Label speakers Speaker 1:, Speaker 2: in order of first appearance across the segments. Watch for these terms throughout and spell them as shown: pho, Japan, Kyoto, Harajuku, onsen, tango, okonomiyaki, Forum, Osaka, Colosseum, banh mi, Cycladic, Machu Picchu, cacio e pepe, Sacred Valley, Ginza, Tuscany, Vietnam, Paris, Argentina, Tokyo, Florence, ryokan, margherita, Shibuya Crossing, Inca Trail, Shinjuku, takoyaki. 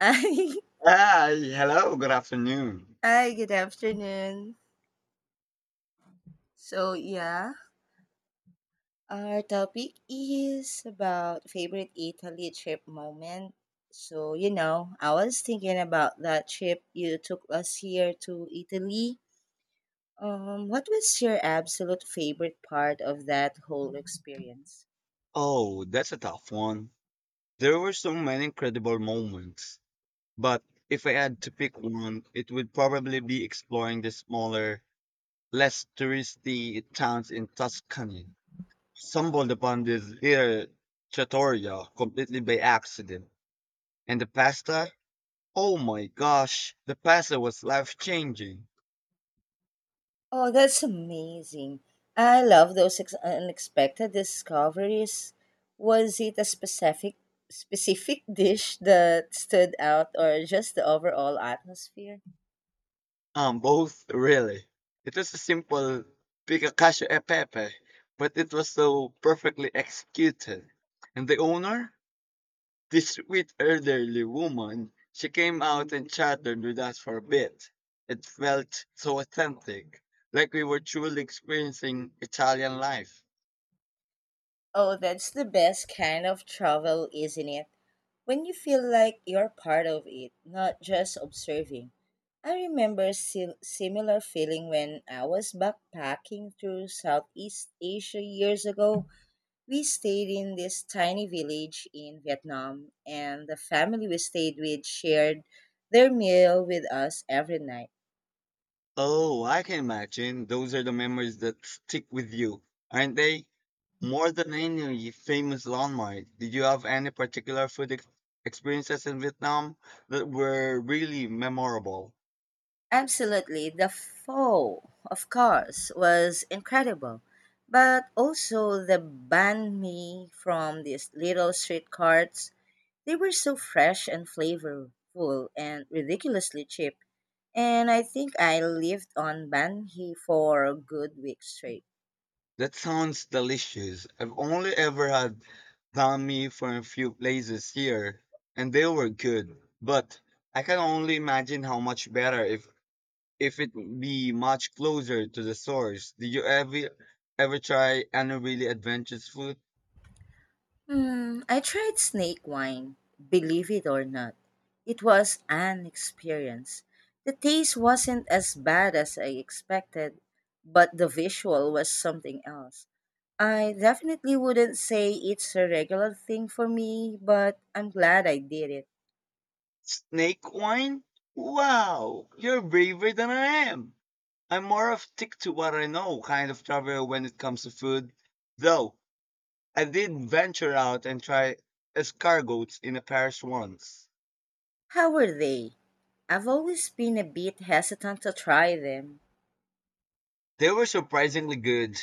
Speaker 1: Hi.
Speaker 2: Hi, hello, good afternoon.
Speaker 1: Hi, good afternoon. So, yeah, our topic is about favorite Italy trip moment. So, you know, I was thinking about that trip you took last year to Italy. What was your absolute favorite part of that whole experience?
Speaker 2: Oh, that's a tough one. There were so many incredible moments, but if I had to pick one, it would probably be exploring the smaller, less touristy towns in Tuscany. Stumbled upon this here trattoria completely by accident, and the pasta, oh my gosh, the pasta was life-changing.
Speaker 1: Oh, that's amazing. I love those unexpected discoveries. Was it a specific dish that stood out or just the overall atmosphere?
Speaker 2: Both really. It was a simple pick a cashew e pepe, but it was so perfectly executed. And the owner, this sweet elderly woman, she came out and chatted with us for a bit. It felt so authentic, like we were truly experiencing Italian life.
Speaker 1: Oh, that's the best kind of travel, isn't it? When you feel like you're part of it, not just observing. I remember similar feeling when I was backpacking through Southeast Asia years ago. We stayed in this tiny village in Vietnam, and the family we stayed with shared their meal with us every night.
Speaker 2: Oh, I can imagine. Those are the memories that stick with you, aren't they? More than any famous landmark, did you have any particular food experiences in Vietnam that were really memorable?
Speaker 1: Absolutely, the pho, of course, was incredible, but also the banh mi from these little street carts. They were so fresh and flavorful and ridiculously cheap. And I think I lived on banh mi for a good week straight.
Speaker 2: That sounds delicious. I've only ever had banh mi from a few places here, and they were good, but I can only imagine how much better if it be much closer to the source. Did you ever try any really adventurous food?
Speaker 1: I tried snake wine, believe it or not. It was an experience. The taste wasn't as bad as I expected, but the visual was something else. I definitely wouldn't say it's a regular thing for me, but I'm glad I did it.
Speaker 2: Snake wine? Wow, you're braver than I am. I'm more of stick to what I know kind of traveler when it comes to food. Though I did venture out and try escargots in a Paris once.
Speaker 1: How were they? I've always been a bit hesitant to try them.
Speaker 2: They were surprisingly good,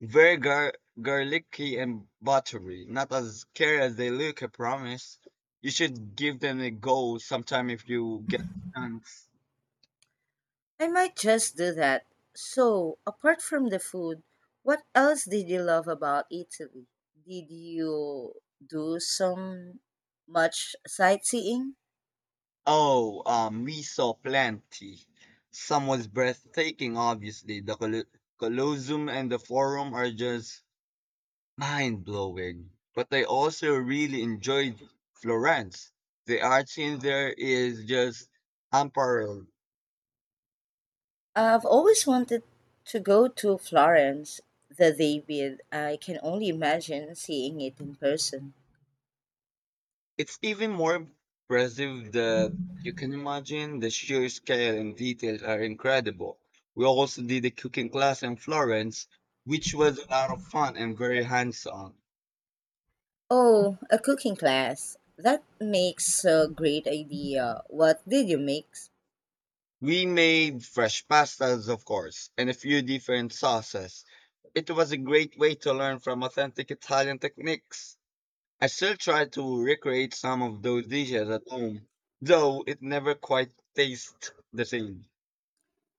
Speaker 2: very gar- garlicky and buttery, not as scary as they look, I promise. You should give them a go sometime if you get a chance.
Speaker 1: I might just do that. So, apart from the food, what else did you love about Italy? Did you do some much sightseeing?
Speaker 2: Oh, we saw plenty. Some was breathtaking, obviously. The Colosseum and the Forum are just mind-blowing. But I also really enjoyed Florence. The art scene there is just unparalleled.
Speaker 1: I've always wanted to go to Florence, the David. I can only imagine seeing it in person.
Speaker 2: It's even more impressive that you can imagine the sheer scale and details are incredible. We also did a cooking class in Florence, which was a lot of fun and very hands on.
Speaker 1: Oh, a cooking class. That makes a great idea. What did you make?
Speaker 2: We made fresh pastas, of course, and a few different sauces. It was a great way to learn from authentic Italian techniques. I still try to recreate some of those dishes at home, though it never quite tastes the same.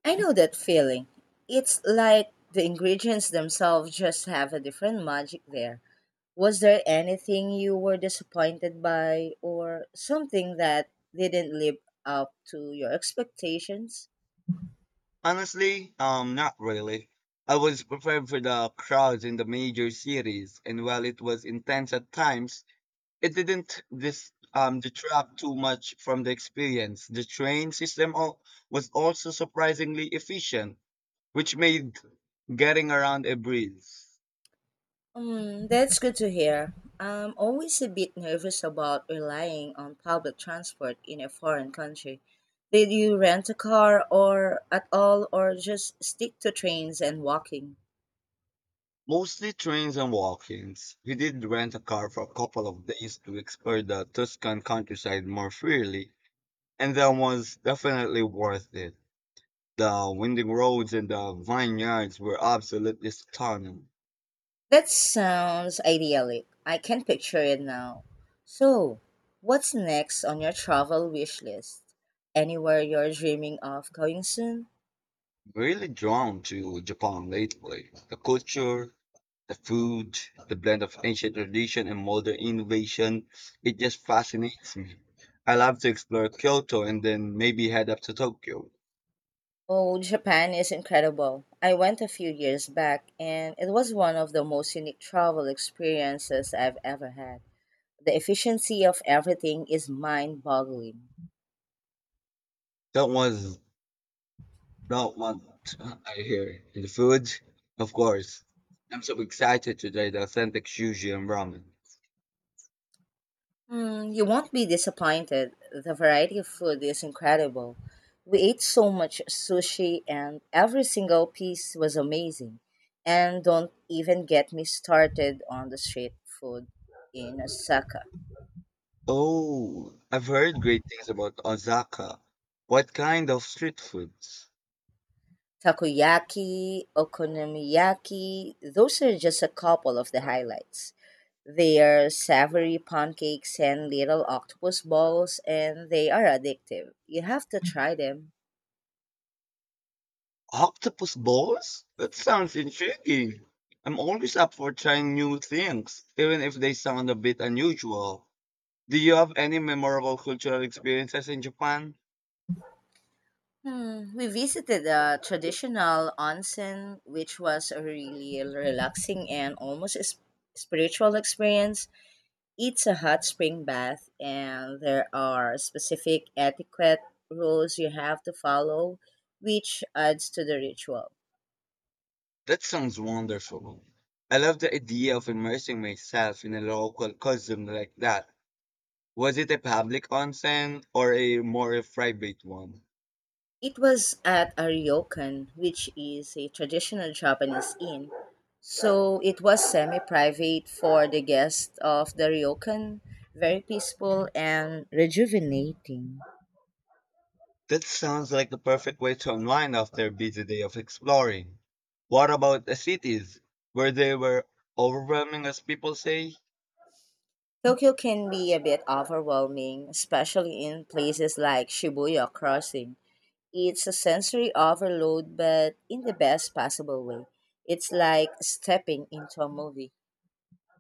Speaker 1: I know that feeling. It's like the ingredients themselves just have a different magic there. Was there anything you were disappointed by or something that didn't live up to your expectations?
Speaker 2: Honestly, not really. I was prepared for the crowds in the major cities, and while it was intense at times, it didn't detract too much from the experience. The was also surprisingly efficient, which made getting around a breeze.
Speaker 1: That's good to hear. I'm always a bit nervous about relying on public transport in a foreign country. Did you rent a car or at all or just stick to trains and walking?
Speaker 2: Mostly trains and walk-ins. We did rent a car for a couple of days to explore the Tuscan countryside more freely, and that was definitely worth it. The winding roads and the vineyards were absolutely stunning.
Speaker 1: That sounds idyllic. I can picture it now. So, what's next on your travel wish list? Anywhere you're dreaming of going soon?
Speaker 2: Really drawn to Japan lately. The culture, the food, the blend of ancient tradition and modern innovation, it just fascinates me. I love to explore Kyoto and then maybe head up to Tokyo.
Speaker 1: Oh, Japan is incredible. I went a few years back and it was one of the most unique travel experiences I've ever had. The efficiency of everything is mind boggling.
Speaker 2: That was not what I hear. And the food, of course. I'm so excited to try the authentic sushi and ramen.
Speaker 1: You won't be disappointed. The variety of food is incredible. We ate so much sushi, and every single piece was amazing. And don't even get me started on the street food in Osaka.
Speaker 2: Oh, I've heard great things about Osaka. What kind of street foods?
Speaker 1: Takoyaki, okonomiyaki, those are just a couple of the highlights. They are savory pancakes and little octopus balls, and they are addictive. You have to try them.
Speaker 2: Octopus balls? That sounds intriguing. I'm always up for trying new things, even if they sound a bit unusual. Do you have any memorable cultural experiences in Japan?
Speaker 1: We visited a traditional onsen, which was a really relaxing and almost spiritual experience. It's a hot spring bath, and there are specific etiquette rules you have to follow, which adds to the ritual.
Speaker 2: That sounds wonderful. I love the idea of immersing myself in a local custom like that. Was it a public onsen or a more private one?
Speaker 1: It was at a ryokan, which is a traditional Japanese inn. So it was semi private for the guests of the ryokan, very peaceful and rejuvenating.
Speaker 2: That sounds like the perfect way to unwind after a busy day of exploring. What about the cities? Were they were overwhelming as people say?
Speaker 1: Tokyo can be a bit overwhelming, especially in places like Shibuya Crossing. It's a sensory overload, but in the best possible way. It's like stepping into a movie.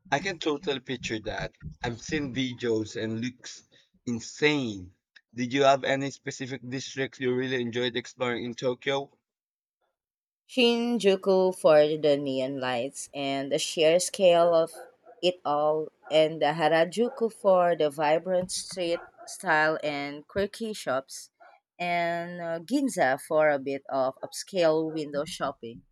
Speaker 2: I can totally picture that. I've seen videos and looks insane. Did you have any specific districts you really enjoyed exploring in Tokyo?
Speaker 1: Shinjuku for the neon lights and the sheer scale of it all, and the Harajuku for the vibrant street style and quirky shops, and Ginza for a bit of upscale window shopping.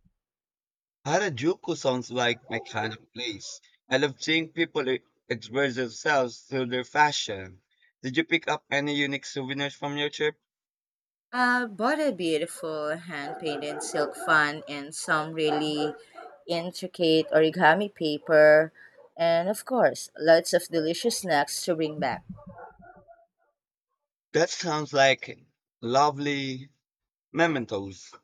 Speaker 2: Harajuku sounds like my kind of place. I love seeing express themselves through their fashion. Did you pick up any unique souvenirs from your trip?
Speaker 1: I bought a beautiful hand painted silk fan and some really intricate origami paper, and of course, lots of delicious snacks to bring back.
Speaker 2: That sounds like lovely mementos.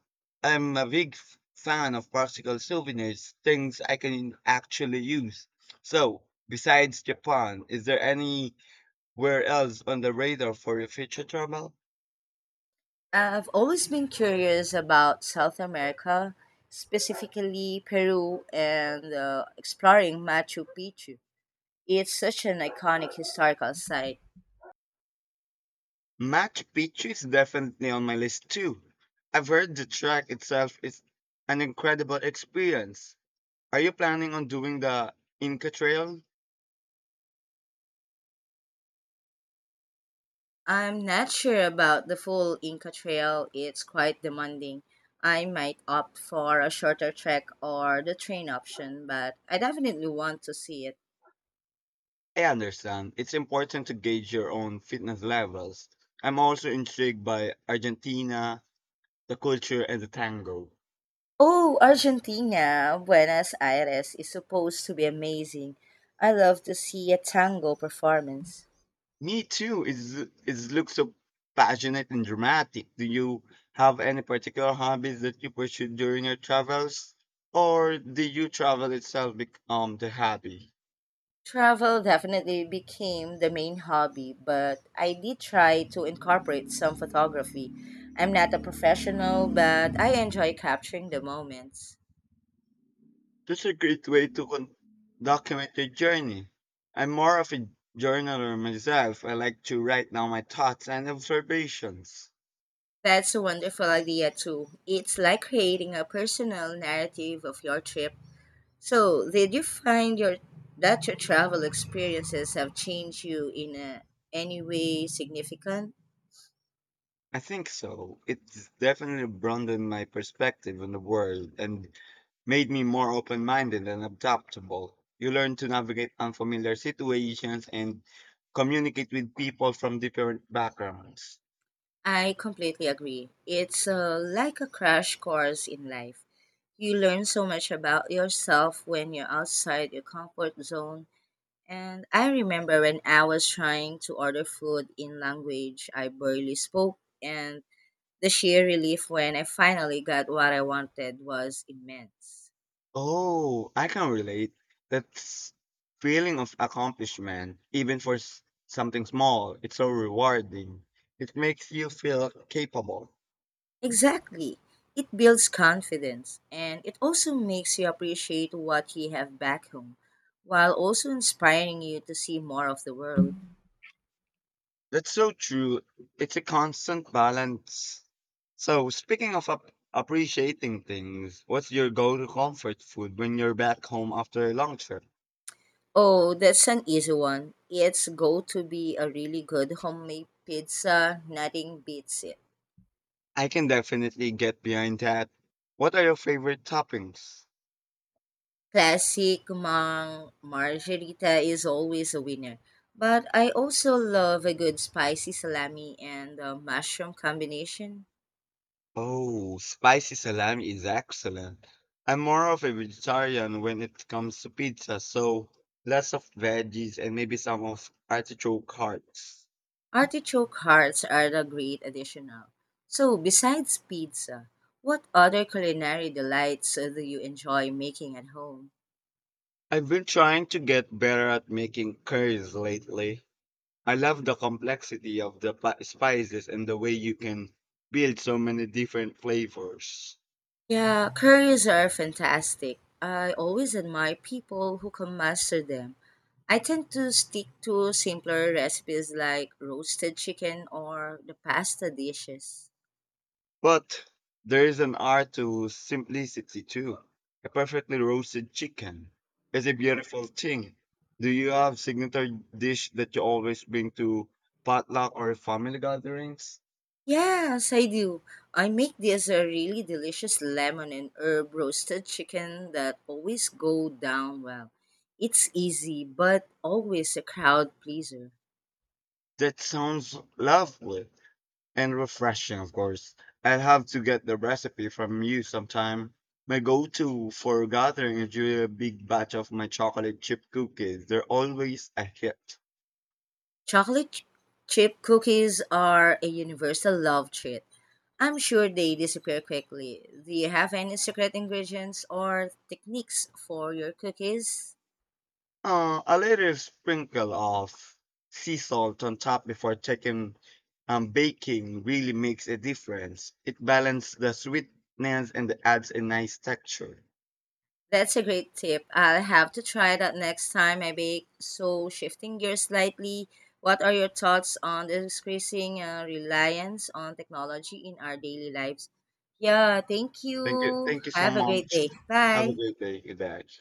Speaker 2: I'm a fan of practical souvenirs, things I can actually use. So, besides Japan, is there anywhere else on the radar for your future travel?
Speaker 1: I've always been curious about South America, specifically Peru and exploring Machu Picchu. It's such an iconic historical site.
Speaker 2: Machu Picchu is definitely on my list too. I've heard the track itself is an incredible experience. Are you planning on doing the Inca Trail?
Speaker 1: I'm not sure about the full Inca Trail, it's quite demanding. I might opt for a shorter trek or the train option, but I definitely want to see it.
Speaker 2: I understand. It's important to gauge your own fitness levels. I'm also intrigued by Argentina, the culture, and the tango.
Speaker 1: Oh, Argentina, Buenos Aires is supposed to be amazing. I love to see a tango performance.
Speaker 2: Me too. It looks so passionate and dramatic. Do you have any particular hobbies that you pursued during your travels? Or did you travel itself become the hobby?
Speaker 1: Travel definitely became the main hobby, but I did try to incorporate some photography. I'm not a professional, but I enjoy capturing the moments.
Speaker 2: That's a great way to document your journey. I'm more of a journaler myself. I like to write down my thoughts and observations.
Speaker 1: That's a wonderful idea, too. It's like creating a personal narrative of your trip. So, did you find your that your travel experiences have changed you in any way significant?
Speaker 2: I think so. It's definitely broadened my perspective on the world and made me more open minded and adaptable. You learn to navigate unfamiliar situations and communicate with people from different backgrounds.
Speaker 1: I completely agree. It's like a crash course in life. You learn so much about yourself when you're outside your comfort zone. And I remember when I was trying to order food in language I barely spoke, and the sheer relief when I finally got what I wanted was immense.
Speaker 2: Oh, I can relate. That s- feeling of accomplishment, even for something small, it's so rewarding. It makes you feel capable.
Speaker 1: Exactly. It builds confidence and it also makes you appreciate what you have back home while also inspiring you to see more of the world.
Speaker 2: That's so true. It's a constant balance. So, speaking of appreciating things, what's your go to comfort food when you're back home after a long trip?
Speaker 1: Oh, that's an easy one. It's going to be a really good homemade pizza. Nothing beats it.
Speaker 2: I can definitely get behind that. What are your favorite toppings?
Speaker 1: Classic mang margherita is always a winner. But I also love a good spicy salami and a mushroom combination.
Speaker 2: Oh, spicy salami is excellent. I'm more of a vegetarian when it comes to pizza, so lots of veggies and maybe some of artichoke hearts.
Speaker 1: Artichoke hearts are a great addition. Now. So, besides pizza, what other culinary delights do you enjoy making at home?
Speaker 2: I've been trying to get better at making curries lately. I love the complexity of the spices and the way you can build so many different flavors.
Speaker 1: Yeah, curries are fantastic. I always admire people who can master them. I tend to stick to simpler recipes like roasted chicken or the pasta dishes.
Speaker 2: But there is an art to simplicity too. A perfectly roasted chicken is a beautiful thing. Do you have signature dish that you always bring to potluck or family gatherings?
Speaker 1: Yes, I do. I make this a really delicious lemon and herb roasted chicken that always go down well. It's easy, but always a crowd pleaser.
Speaker 2: That sounds lovely and refreshing, of course. I'll have to get the recipe from you sometime. My go-to for gathering is usually a big batch of my chocolate chip cookies. They're always a hit.
Speaker 1: Chocolate ch- chip cookies are a universal love treat. I'm sure they disappear quickly. Do you have any secret ingredients or techniques for your cookies?
Speaker 2: A little sprinkle of sea salt on top before taking baking really makes a difference. It balances the sweetness and adds a nice texture.
Speaker 1: That's a great tip. I'll have to try that next time I bake. So, shifting gears slightly, what are your thoughts on the increasing reliance on technology in our daily lives? Yeah, thank
Speaker 2: Thank you.
Speaker 1: you.
Speaker 2: Thank you so
Speaker 1: Have a great
Speaker 2: much.
Speaker 1: day.
Speaker 2: Have a
Speaker 1: Bye.
Speaker 2: great day, you guys.